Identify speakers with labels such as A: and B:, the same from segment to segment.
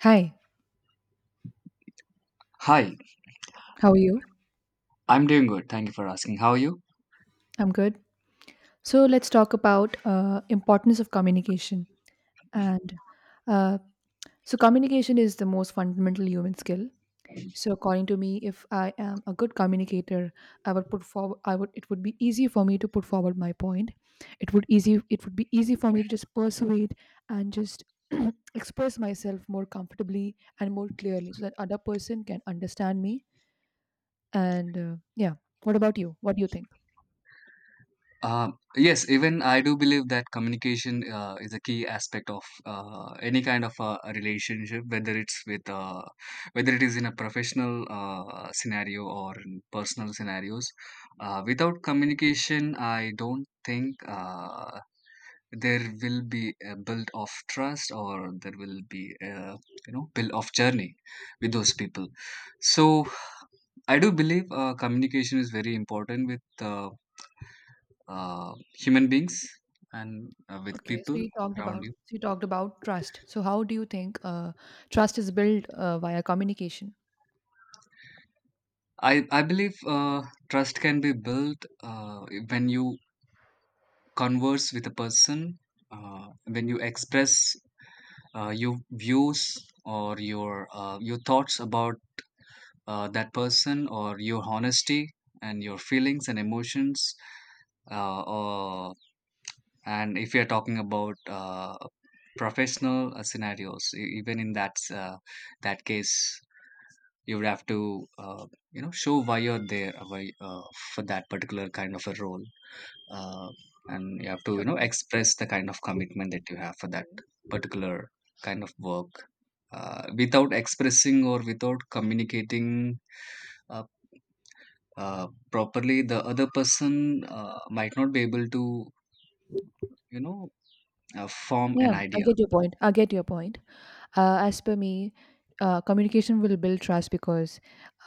A: Hi,
B: Hi,
A: how are you?
B: I'm doing good. Thank you for asking. How are you?
A: I'm good. So let's talk about importance of communication. And uh, so communication is the most fundamental human skill. So according to me, if I am a good communicator, I would put forward. I would. It would be easy for me to put forward my point. It would be easy for me to just persuade and just express myself more comfortably and more clearly, so that other person can understand me. And uh, yeah, what about you? What do you think?
B: Uh, yes, even I do believe that communication is a key aspect of any kind of a relationship, whether it's with whether it is in a professional scenario or in personal scenarios. Without communication, I don't think there will be a build of trust, or there will be a build of journey with those people. So I do believe communication is very important with uh, human beings, and with
A: Okay, so
B: people
A: you talked
B: around
A: about
B: you.
A: so you talked about trust. So how do you think trust is built via communication?
B: I believe trust can be built when you converse with a person, when you express your views, or your thoughts about that person, or your honesty, and your feelings and emotions, or. And if you're talking about professional scenarios, even in that case, you would have to, show why you're there, for that particular kind of a role, uh, and you have to,
A: Okay.
B: express the kind of commitment that you have for that particular kind of work. Without expressing, or without communicating uh, properly, the other person might not be able to, you know form
A: Yeah,
B: an
A: I
B: idea.
A: get your point. As per me, communication will build trust because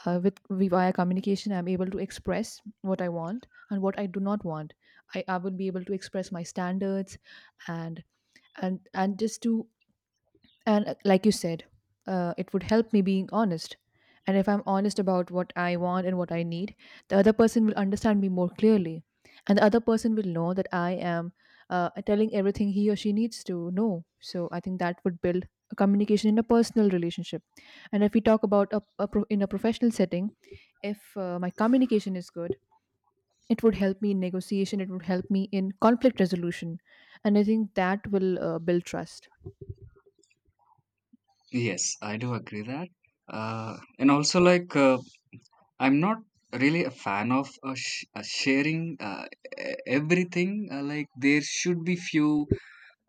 A: via communication, I'm able to express what I want and what I do not want. I will be able to express my standards and and just to And like you said, it would help me being honest. And if I'm honest about what I want and what I need, the other person will understand me more clearly. And the other person will know that I am telling everything he or she needs to know. So I think that would build a communication in a personal relationship. And if we talk about in a professional setting, if my communication is good, it would help me in negotiation, it would help me in conflict resolution. And I think that will build trust.
B: Yes, I do agree that. And also, like, I'm not really a fan of sharing everything. Like, there should be few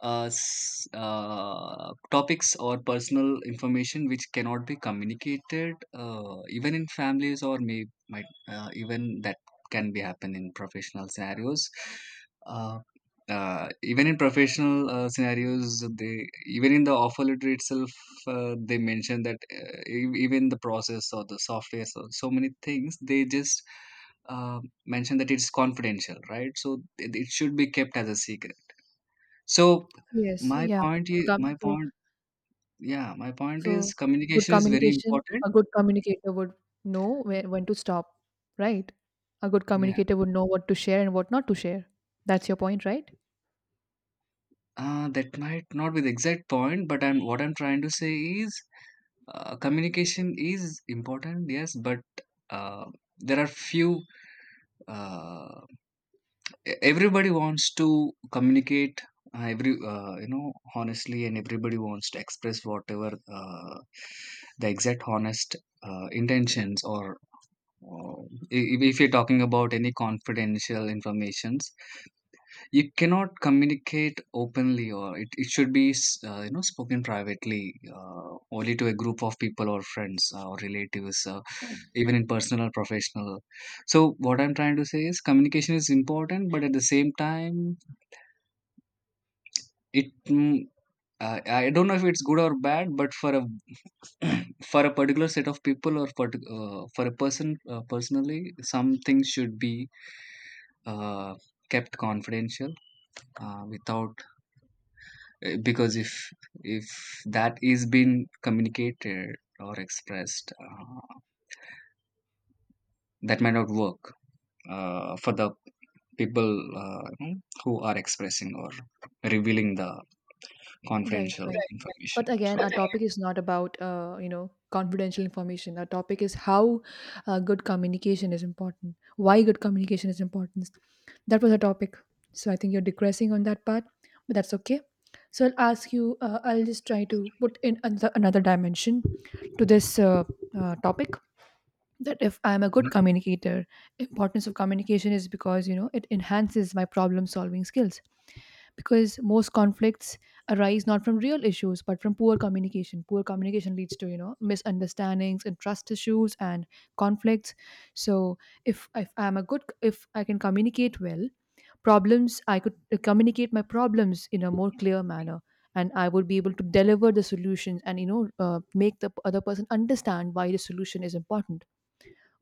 B: topics or personal information which cannot be communicated, even in families, or may might, even that can be happen in professional scenarios, uh, even in professional scenarios, they, even in the offer letter itself, they mention that, even the process, or the software, so many things they just uh, mention that it's confidential, right? So it should be kept as a secret. So
A: Yes,
B: my
A: yeah.
B: point
A: So
B: is
A: com
B: my
A: so
B: point yeah, my point
A: so
B: is
A: good
B: communication is very
A: communication,
B: important.
A: a good communicator would know where when to stop, right? A good
B: Yeah.
A: communicator would know what to share and what not to share. That's your point, right?
B: That might not be the exact point, but I'm what I'm trying to say is, communication is important, yes, but uh, there are few, uh, everybody wants to communicate, every you know honestly, and everybody wants to express whatever, the exact honest intentions, or. Uh, if you're talking about any confidential informations, you cannot communicate openly, or it should be, spoken privately, uh, only to a group of people or friends, or relatives, even in personal or professional. So what I'm trying to say is communication is important, but at the same time, it mm, I don't know if it's good or bad, but for a for a particular set of people, or for a person, personally, some things should be uh, kept confidential, without eh, because if that is being communicated or expressed, that might not work for the people, uh, you know, who are expressing or revealing the
A: Right,
B: confidential
A: right.
B: information,
A: But again,
B: so.
A: our topic is not about you know confidential information. Our topic is how good communication is important. Why good communication is important. That was our topic. So I think you're digressing on that part, but that's okay. So I'll ask you. I'll just try to put in another dimension to this topic. That if I'm a good communicator, importance of communication is because you know it enhances my problem solving skills, because most conflicts arise not from real issues but from poor communication. Poor communication leads to you know misunderstandings and trust issues and conflicts. So if I'm a good if I can communicate well, problems I could communicate my problems in a more clear manner, and I would be able to deliver the solutions and you know make the other person understand why the solution is important.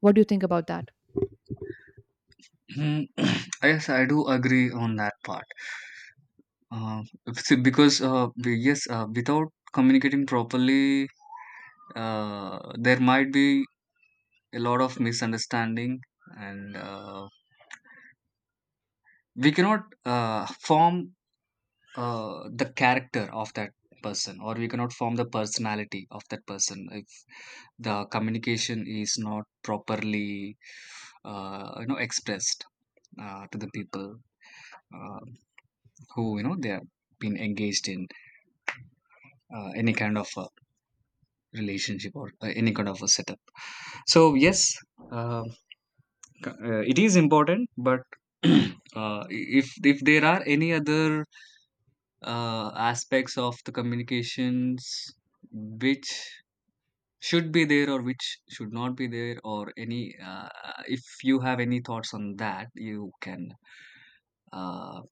A: What do you think about that?
B: Mhm. Yes, I do agree on that part. uh, See, because, yes, without communicating properly, uh, there might be a lot of misunderstanding, and we cannot form the character of that person, or we cannot form the personality of that person if the communication is not properly expressed to the people, uh, who, they have been engaged in any kind of a relationship, or any kind of a setup. So yes, um, it is important, but if there are any other aspects of the communications which should be there, or which should not be there, or any if you have any thoughts on that, you can uh,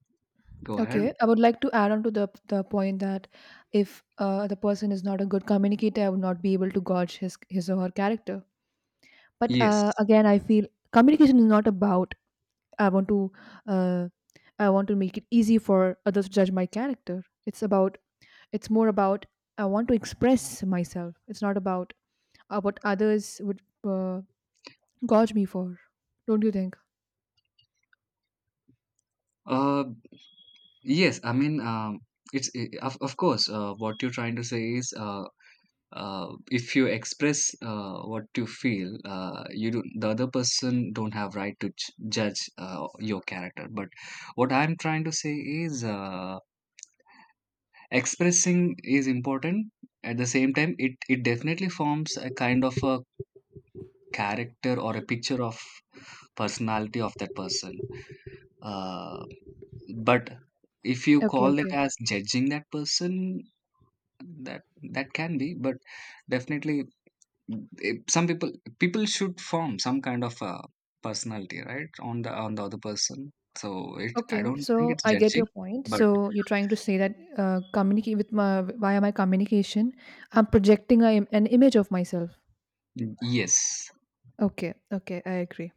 B: go ahead.
A: Okay, I would like to add on to the point that if the person is not a good communicator, I would not be able to gauge his or her character. But
B: Yes.
A: again, I feel communication is not about I want to uh, I want to make it easy for others to judge my character. It's about, it's more about, I want to express myself. It's not about what others would uh, gauge me for. Don't you think?
B: uh, yes, I mean, it's, I- of course, what you're trying to say is, if you express what you feel, you do, the other person don't have right to judge your character. But what I'm trying to say is, expressing is important. At the same time, it definitely forms a kind of a character, or a picture of personality of that person. Uh, but if you
A: Okay,
B: call it
A: okay.
B: as judging that person, that that can be. But definitely, some people should form some kind of a personality, right, on the other person. So it I
A: Okay,
B: don't think
A: so
B: it's
A: I get
B: judging,
A: your point.
B: but
A: So you're trying to say that communicate with my via my communication, I'm projecting an image of myself.
B: yes.
A: Okay, okay, I agree.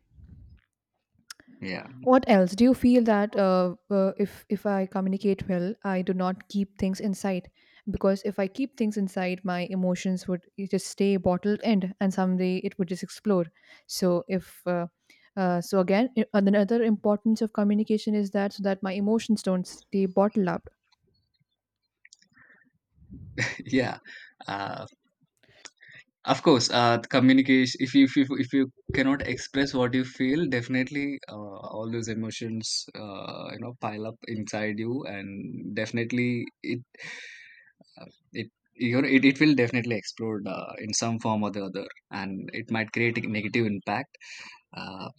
B: Yeah.
A: What else do you feel that if I communicate well, I do not keep things inside, because if I keep things inside, my emotions would just stay bottled in, and someday it would just explode. So if so again, another importance of communication is that so that my emotions don't stay bottled up.
B: Yeah. uh, of course, communication, if you cannot express what you feel, definitely all those emotions pile up inside you, and definitely it. Uh, it, it will definitely explode in some form or the other, and it might create a negative impact, uh,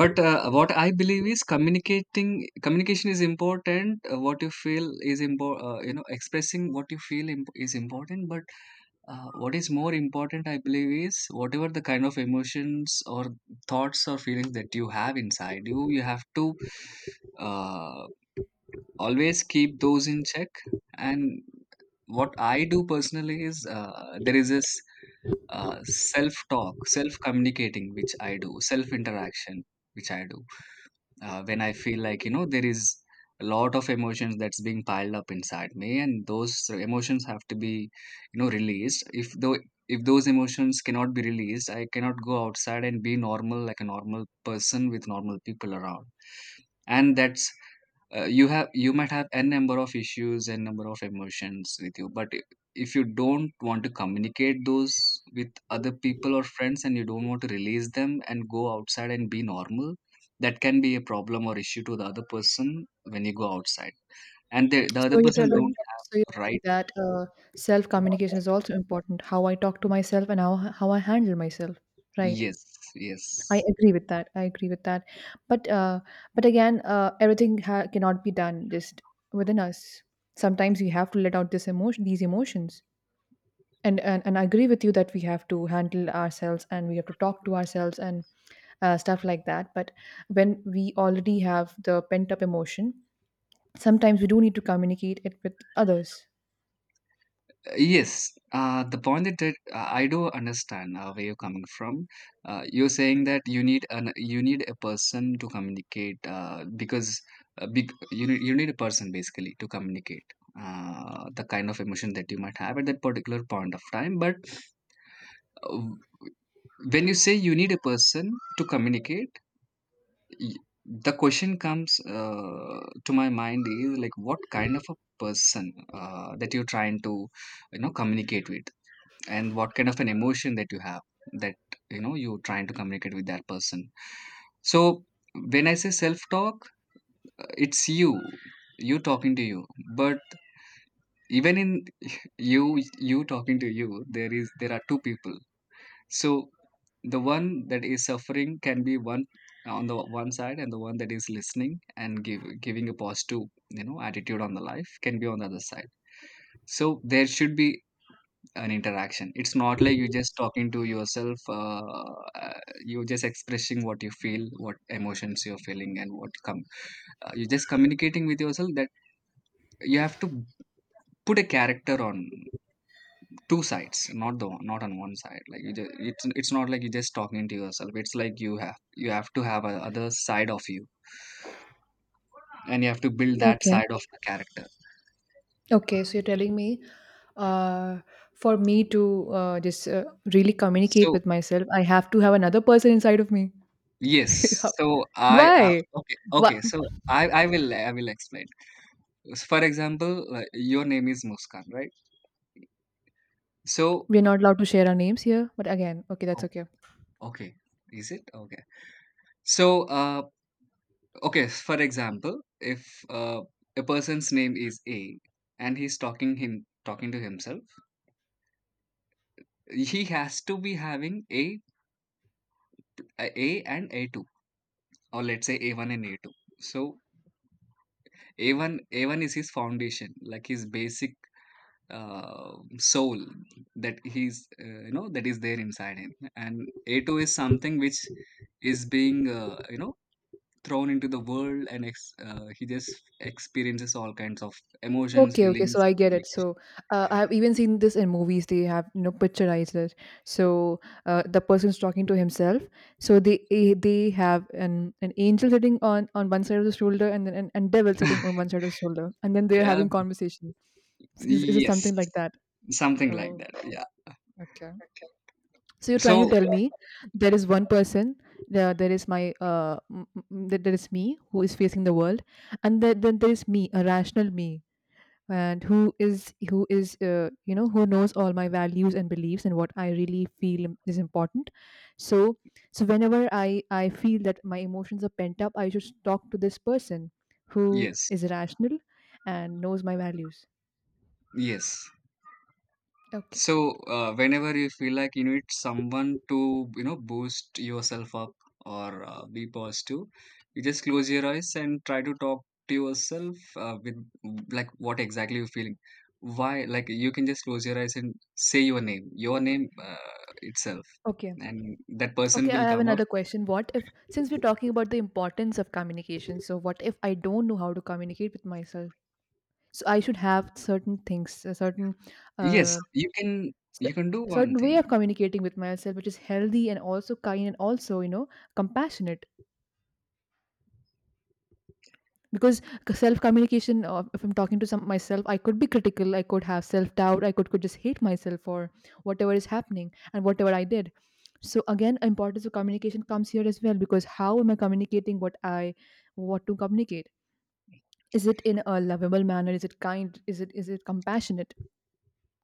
B: but what I believe is communicating communication is important, what you feel is important, expressing what you feel, is important, but what is more important I believe is, whatever the kind of emotions, or thoughts, or feelings that you have inside you, you have to uh, always keep those in check. And what I do personally is, there is this self talk, self communicating, which I do, self interaction, which I do, when I feel like, there is a lot of emotions that's being piled up inside me, and those emotions have to be, released. If those emotions cannot be released, I cannot go outside and be normal like a normal person with normal people around. And that's, you have, you might have n number of issues and number of emotions with you, but if you don't want to communicate those with other people or friends, and you don't want to release them and go outside and be normal, that can be a problem or issue to the other person when you go outside. And the
A: So
B: other person, so don't.
A: you're telling
B: Right.
A: that self communication is also important. How I talk to myself and how I handle myself. Right.
B: Yes. Yes.
A: I agree with that. But again, everything cannot be done just within us. Sometimes we have to let out these emotions. And, and I agree with you that we have to handle ourselves and we have to talk to ourselves and stuff like that. But when we already have the pent up emotion, sometimes we do need to communicate it with others.
B: Yes, the point that, I do understand where you're coming from. You're saying that you need an, you need a person to communicate, because big you need, you need a person basically to communicate the kind of emotion that you might have at that particular point of time. But uh, when you say you need a person to communicate, y- the question comes to my mind is like, what kind of a person that you're trying to, communicate with, and what kind of an emotion that you have, that, you're trying to communicate with that person. So when I say self talk, it's you, you talking to you. But even in you you talking to you, there is, there are two people. So the one that is suffering can be one on the one side, and the one that is listening and give, giving a positive, attitude on the life can be on the other side. So there should be an interaction. It's not like you just talking to yourself. Uh, you just expressing what you feel, what emotions you're feeling, and what come. You're just communicating with yourself. That you have to put a character on two sides, not the one, not on one side. Like you just, it's not like you're just talking to yourself. It's like you have, you have to have a other side of you, and you have to build that
A: Okay.
B: side of the character.
A: Okay, so you're telling me uh, for me to just really communicate
B: So
A: with myself, I have to have another person inside of me.
B: yes,
A: How-?
B: so I,
A: Why?
B: okay,
A: Why?
B: okay. So I will, I will explain. So, for example, like, your name is muskan, right? So
A: We're not allowed to share our names here, but again, okay, that's
B: oh,
A: okay.
B: okay, is it okay? So okay, for example, if uh, a person's name is a, and he's talking, him talking to himself, he has to be having A and A2, or let's say A1 and A2, so a1 is his foundation, like his basic soul that he's, that is there inside him. And a is something which is being, thrown into the world, and, he just experiences all kinds of emotions,
A: Okay, okay,
B: feelings,
A: so I get
B: and
A: it. So I've even seen this in movies. They have you know picturized it. So the person's talking to himself. So they they have an angel sitting on one side of the shoulder, and then an, and devil sitting on
B: communication.
A: one side of the shoulder, and then they're
B: Yeah.
A: having conversation. Is it
B: Yes,
A: something like that?
B: something like
A: Oh,
B: that, yeah.
A: okay. So you're trying to
B: So
A: tell me there is one person, there is my, there is me who is facing the world, and then there is me, a rational me, and who is you know who knows all my values and beliefs and what I really feel is important. So so whenever I feel that my emotions are pent up, I should talk to this person who
B: yes.
A: is rational and knows my values.
B: Yes.
A: Okay.
B: So, whenever you feel like you need someone to, boost yourself up, or be positive, you just close your eyes and try to talk to yourself with, like, what exactly you're feeling. Why? Like, you can just close your eyes and say your name, itself,
A: Okay.
B: and that person
A: Okay, I
B: will
A: have
B: come up.
A: another question. What if, since we're talking about the importance of communication, so what if I don't know how to communicate with myself? So I should have certain things, a certain,
B: Yes,
A: uh,
B: you can. You
A: cer-
B: can do one
A: certain way
B: thing.
A: of communicating with myself, which is healthy and also kind and also you know compassionate, because self communication if I'm talking to some myself, I could be critical, I could have self doubt, could just hate myself for whatever is happening and whatever I did. So again, importance of communication comes here as well, because how am I communicating what I want to communicate? Is it in a lovable manner? Is it kind? Is it compassionate?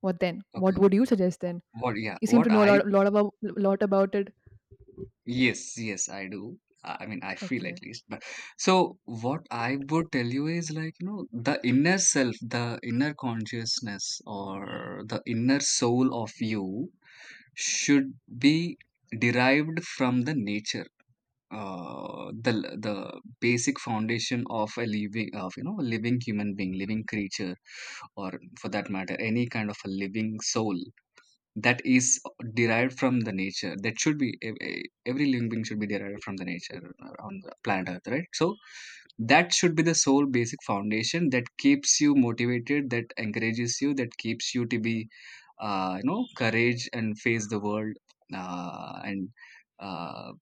A: What
B: Okay.
A: would you suggest then?
B: What? Yeah.
A: You seem to
B: What
A: know a
B: I.
A: lot, lot about it.
B: Yes, yes, I do. I mean, I feel, at
A: Okay,
B: least. But so, what I would tell you is like, you know, the inner self, the inner consciousness, or the inner soul of you should be derived from the nature, uh, the the basic foundation of a living, of you know, a living human being, living creature, or for that matter, any kind of a living soul that is derived from the nature, that should be every living being, should be derived from the nature on the planet earth, right? So that should be the sole basic foundation that keeps you motivated, that encourages you, that keeps you to be you know, courage and face the world, uh, and uh,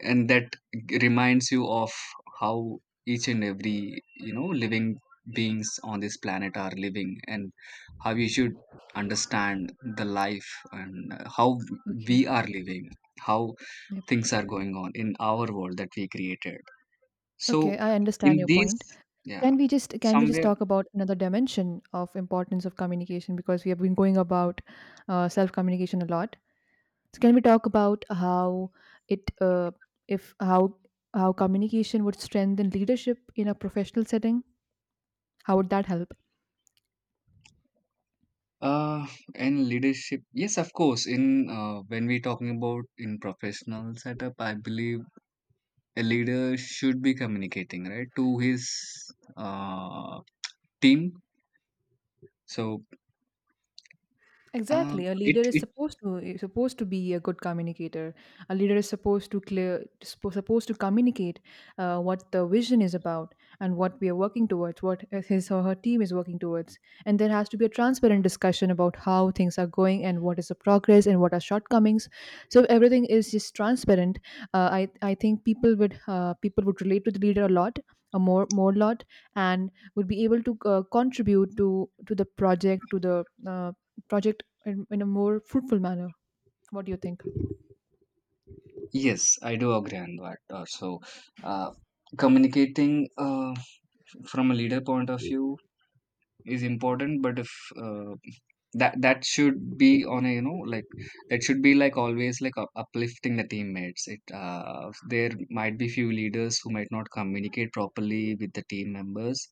B: and that reminds you of how each and every you know living beings on this planet are living, and how you should understand the life and how
A: okay.
B: we are living, how
A: Yep.
B: things are going on in our world that we created. So
A: Okay, I understand
B: in
A: your
B: these,
A: point.
B: yeah,
A: Can we just
B: somewhere.
A: talk about another dimension of importance of communication, because we have been going about self communication a lot. So can we talk about how it if how how communication would strengthen leadership in a professional setting? How would that help?
B: uh and leadership, yes, of course, in when we talking about in professional setup, I believe a leader should be communicating right to his uh, team. So um,
A: Exactly. A
B: it
A: leader
B: it
A: is supposed to be a good communicator. A leader is supposed to supposed to communicate what the vision is about and what we are working towards, what his or her team is working towards. And there has to be a transparent discussion about how things are going and what is the progress and what are shortcomings. So if everything is just transparent, I think people would relate to the leader a more lot, and would be able to contribute to the project, to the project in a more fruitful manner. What do you think?
B: yes, I do agree on that. Uh, so uh, communicating uh, from a leader point of view is important. But if, uh, that should be on a you know like, that should be like always like uplifting the teammates. It, there might be few leaders who might not communicate properly with the team members,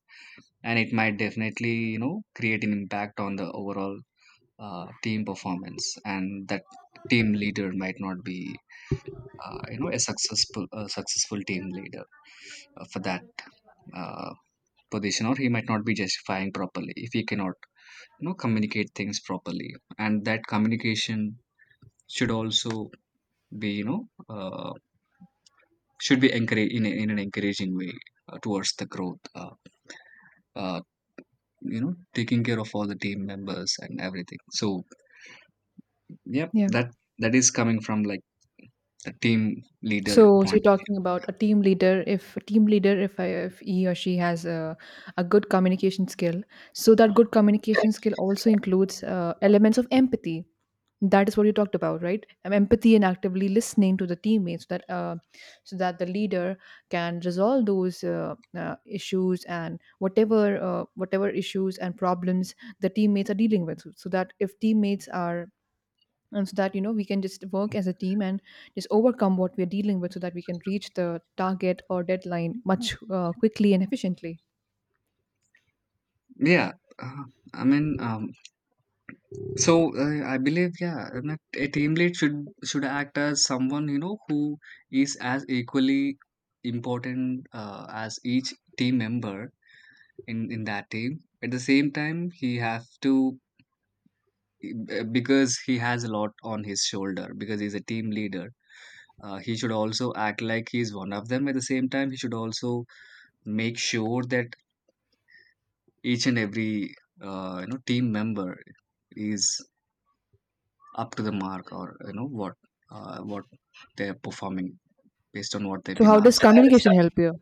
B: and it might definitely you know create an impact on the overall team performance, and that team leader might not be you know a successful team leader for that uh, position, or he might not be justifying properly if he cannot you know communicate things properly. And that communication should also be you know, uh, should be encouraged in, a, in an encouraging way towards the growth, uh, you know, taking care of all the team members and everything. So yep,
A: Yeah,
B: that, that is coming from like the team leader
A: so you're
B: point.
A: talking about a team leader. If a team leader, if he or she has a good communication skill, so that good communication skill also includes elements of empathy, that is what you talked about, right? Empathy and actively listening to the teammates so that so that the leader can resolve those issues, and whatever issues and problems the teammates are dealing with, so, so that if teammates are and so that you know we can just work as a team and just overcome what we're dealing with, so that we can reach the target or deadline much quickly and efficiently.
B: Yeah, uh, I mean, so I believe, yeah, I mean, a team lead should act as someone you know who is as equally important as each team member in that team. At the same time, he has to, because he has a lot on his shoulder because he's a team leader. He should also act like he's one of them. At the same time, he should also make sure that each and every you know team member is up to the mark, or you know what they're performing based on what they've
A: So,
B: been
A: how does
B: asked.
A: communication help you?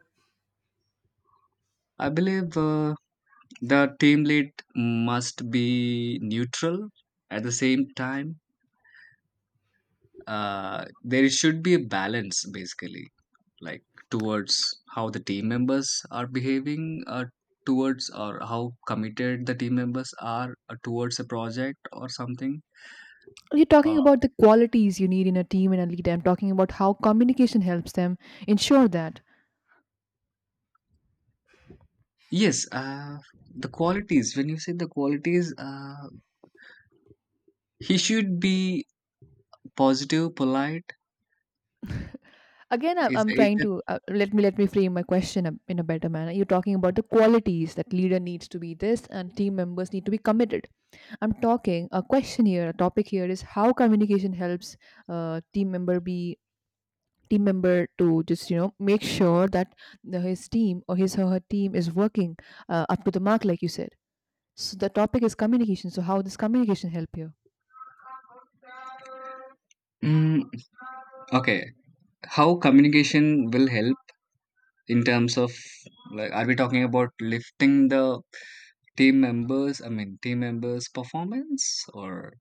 B: I believe the team lead must be neutral. At the same time, there should be a balance, basically, like towards how the team members are behaving, towards, or how committed the team members are, towards a project or something.
A: You're talking
B: uh,
A: about the qualities you need in a team and a leader. I'm talking about how communication helps them ensure that.
B: yes, the qualities, when you say the qualities, he should be positive, polite.
A: Again i'm,
B: Is
A: I'm trying
B: it?
A: to let me frame my question in a better manner. You're talking about the qualities that leader needs to be this and team members need to be committed. I'm talking a question here, a topic here is how communication helps team member be, team member to just you know make sure that his team or his or her team is working up to the mark like you said. So the topic is communication, so how does communication help you?
B: mm, okay, how communication will help in terms of, like, are we talking about lifting the team members, I mean, team members' performance, or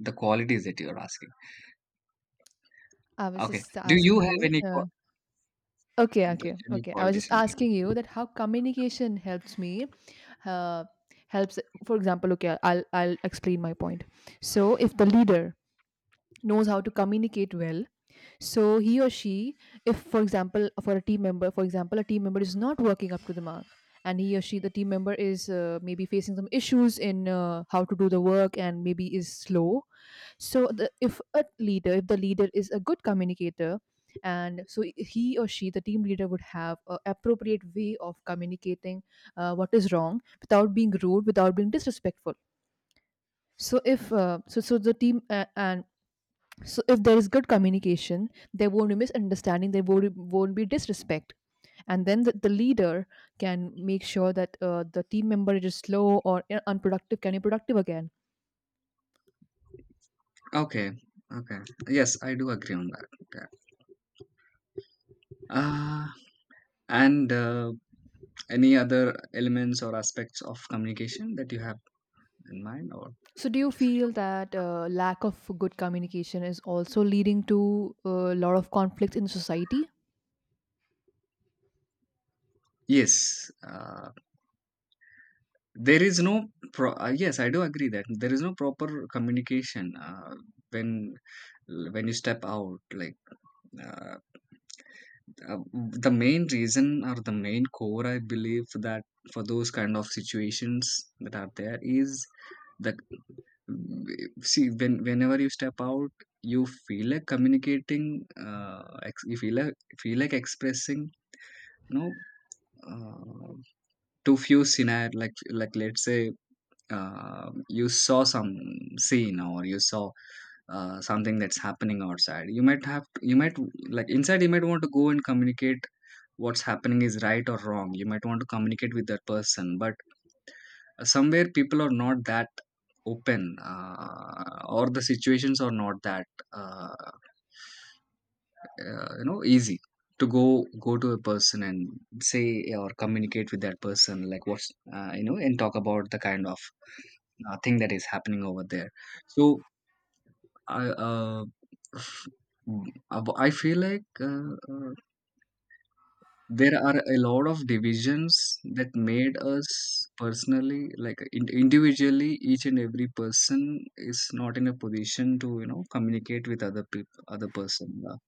B: the qualities that you're asking?
A: I was
B: Okay.
A: just
B: Do
A: asking
B: you have
A: you
B: any
A: okay okay
B: any
A: okay I was
B: qualities
A: just
B: in
A: asking you that how communication helps me uh, helps. For example, okay, I'll explain my point. So if the leader knows how to communicate well. So he or she, if for example, for a team member, for example, a team member is not working up to the mark, and he or she, the team member, is maybe facing some issues in how to do the work, and maybe is slow. So if a leader, if the leader is a good communicator, and so he or she, the team leader, would have a appropriate way of communicating what is wrong without being rude, without being disrespectful. So if so, so the team and so if there is good communication, there won't be misunderstanding, there won't be disrespect. And then the leader can make sure that the team member is slow or unproductive can be productive again.
B: mind? Okay. Okay. Yes, I do agree on that. Okay. Uh, and any other elements or aspects of communication that you have in mind, or?
A: So do you feel that lack of good communication is also leading to a lot of conflicts in society?
B: Yes, there is no yes, I do agree that there is no proper communication when when you step out, like uh, Uh, the main reason or the main core, I believe, that for those kind of situations that are there is that, mm, see, when, whenever you step out, you feel like communicating, uh, you feel like, feel like expressing, you know, uh, to few scenario, like let's say, you saw some scene, or you saw something that's happening outside. You might have, you might, like inside, you might want to go and communicate what's happening, is right or wrong. You might want to communicate with that person, but somewhere people are not that open, or the situations are not that, uh, you know, easy to go to a person and say or communicate with that person, like what's you know, and talk about the kind of thing that is happening over there. So I, f- I feel like, uh, uh, there are a lot of divisions that made us personally, like individually, each and every person is not in a position to you know communicate with other people, other person.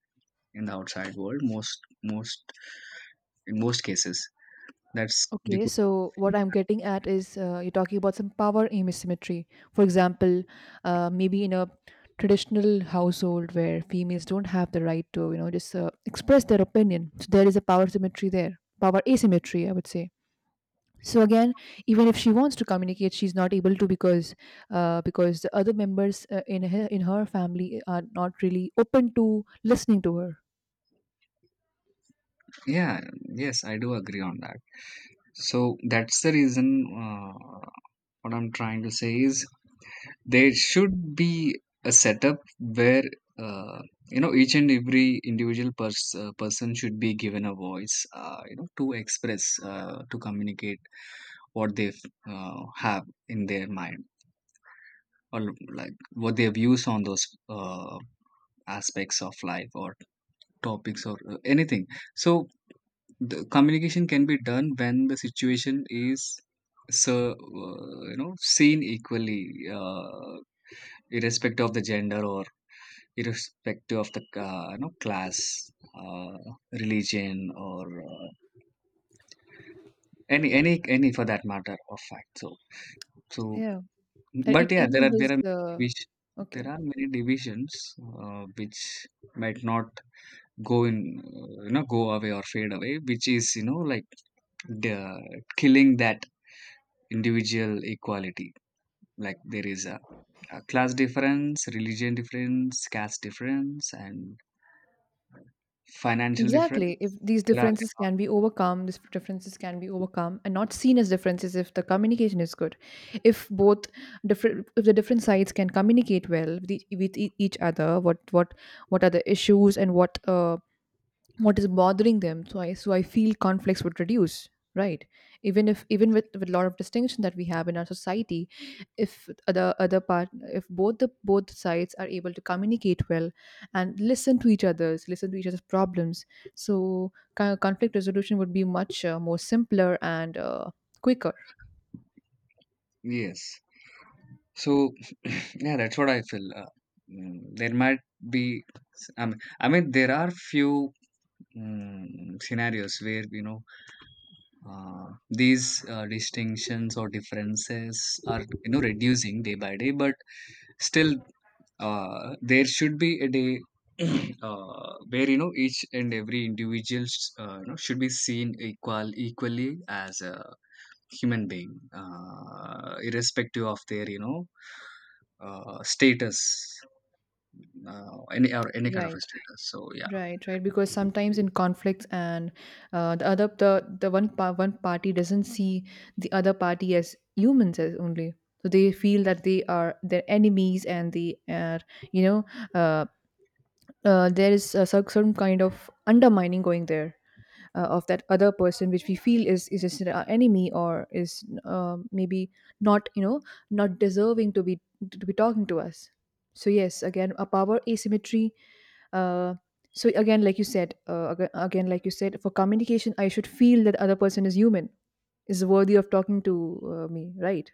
B: In the outside world, most most cases, that's
A: Okay,
B: because,
A: so what I'm getting at is, you're talking about some power asymmetry. For example, maybe in a traditional household where females don't have the right to, you know, just express their opinion. So there is a power symmetry there, power asymmetry, I would say. So again, even if she wants to communicate, she's not able to because the other members in her, in her family are not really open to listening to her.
B: yeah, yes, I do agree on that. So that's the reason, uh, what I'm trying to say is, there should be a setup where, uh, you know, each and every individual person should be given a voice, you know, to express, to communicate what they, have in their mind, or like, what their views on those uh, aspects of life, or topics, or anything. So the communication can be done when the situation is, so you know, seen equally, uh, irrespective of the gender, or irrespective of the you know, class, uh, religion, or uh, any for that matter of fact. So, so,
A: Yeah, and
B: but
A: it
B: yeah, there
A: even
B: are,
A: builds
B: there are
A: the
B: division,
A: okay.
B: there are many divisions, which might not go in, you know, go away or fade away, which is you know like, the killing that individual equality. Like there is a class difference, religion difference, caste difference, and financial difference.
A: Exactly. If these
B: There are,
A: differences can be overcome, these differences can be overcome and not seen as differences if the communication is good. If both different, if the different sides can communicate well with, with each other, what, what are the issues and what is bothering them. So I feel conflicts would reduce, right? Even if, even with a lot of distinction that we have in our society, if the other part, if both the, both sides are able to communicate well and listen to each other's listen to each other's problems, so conflict resolution would be much more simpler and quicker,
B: yes. So yeah, that's what I feel, there might be, um, I mean, there are few scenarios where, you know, these distinctions or differences are, you know, reducing day by day, but still, there should be a day where, you know, each and every individual, you know, should be seen equally as a human being, irrespective of their you know status, any, or any kind of
A: right?
B: a status, so yeah.
A: Right, right. Because sometimes in conflicts and the other, the one party doesn't see the other party as humans as only. So they feel that they are their enemies and they are, you know, uh, there is a certain kind of undermining going there of that other person which we feel is just our enemy or is maybe not, you know, not deserving to be, to be talking to us. So yes, again, a power asymmetry. uh, so again like you said, again like you said, for communication I should feel that other person is human, is worthy of talking to me, right?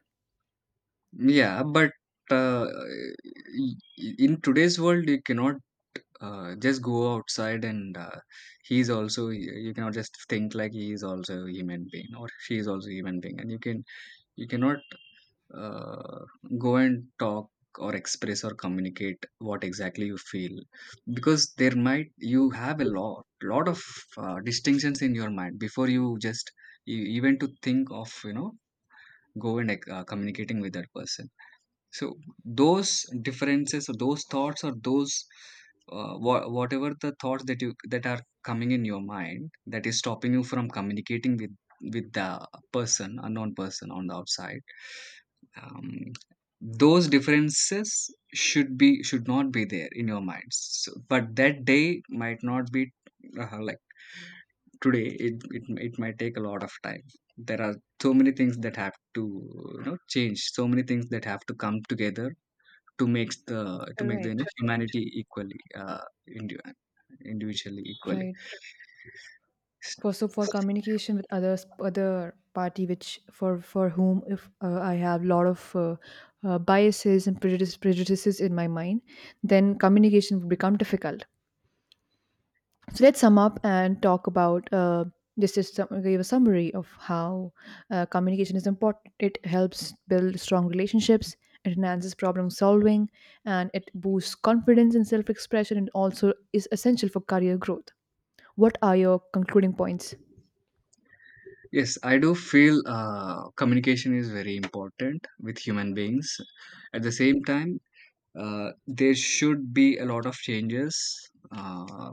B: Yeah, but uh, i- in today's world, you cannot just go outside and, he's also, you cannot just think like he is also a human being or she is also a human being, and you can, you cannot uh, go and talk, or express or communicate what exactly you feel, because there might, you have a lot of distinctions in your mind before you just, even to think of, you know, go and like, communicating with that person. So those differences, or those thoughts, or those whatever the thoughts that you, that are coming in your mind, that is stopping you from communicating with the person, unknown person on the outside. um, those differences should be, should not be there in your minds. So, but that day might not be, like today. It might take a lot of time. There are so many things that have to, you know, change. So many things that have to come together to make the, to make the, you
A: Right.
B: know, humanity equally, indi- individually equally.
A: Right, for, so for communication with others, other party, which for whom if I have lot of biases and prejudice, prejudices in my mind, then communication would become difficult. So let's sum up and talk about, this is some, give a summary of how communication is important. It helps build strong relationships, it enhances problem solving, and it boosts confidence and self-expression, and also is essential for career growth. What are your concluding points?
B: Yes, I do feel communication is very important with human beings. At the same time, there should be a lot of changes, uh,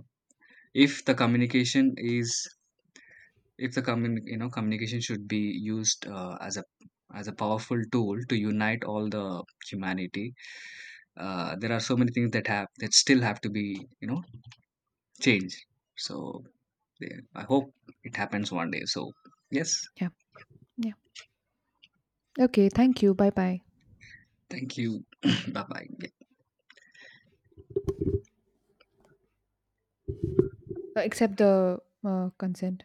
B: if the communication is. If the commun You know, communication should be used as a, powerful tool to unite all the humanity. There are so many things that have, that still have to be, you know, changed. So yeah, I hope it happens one day. So yes,
A: Yeah, yeah. Okay, thank you. Bye bye.
B: thank you. bye bye.
A: Accept the consent.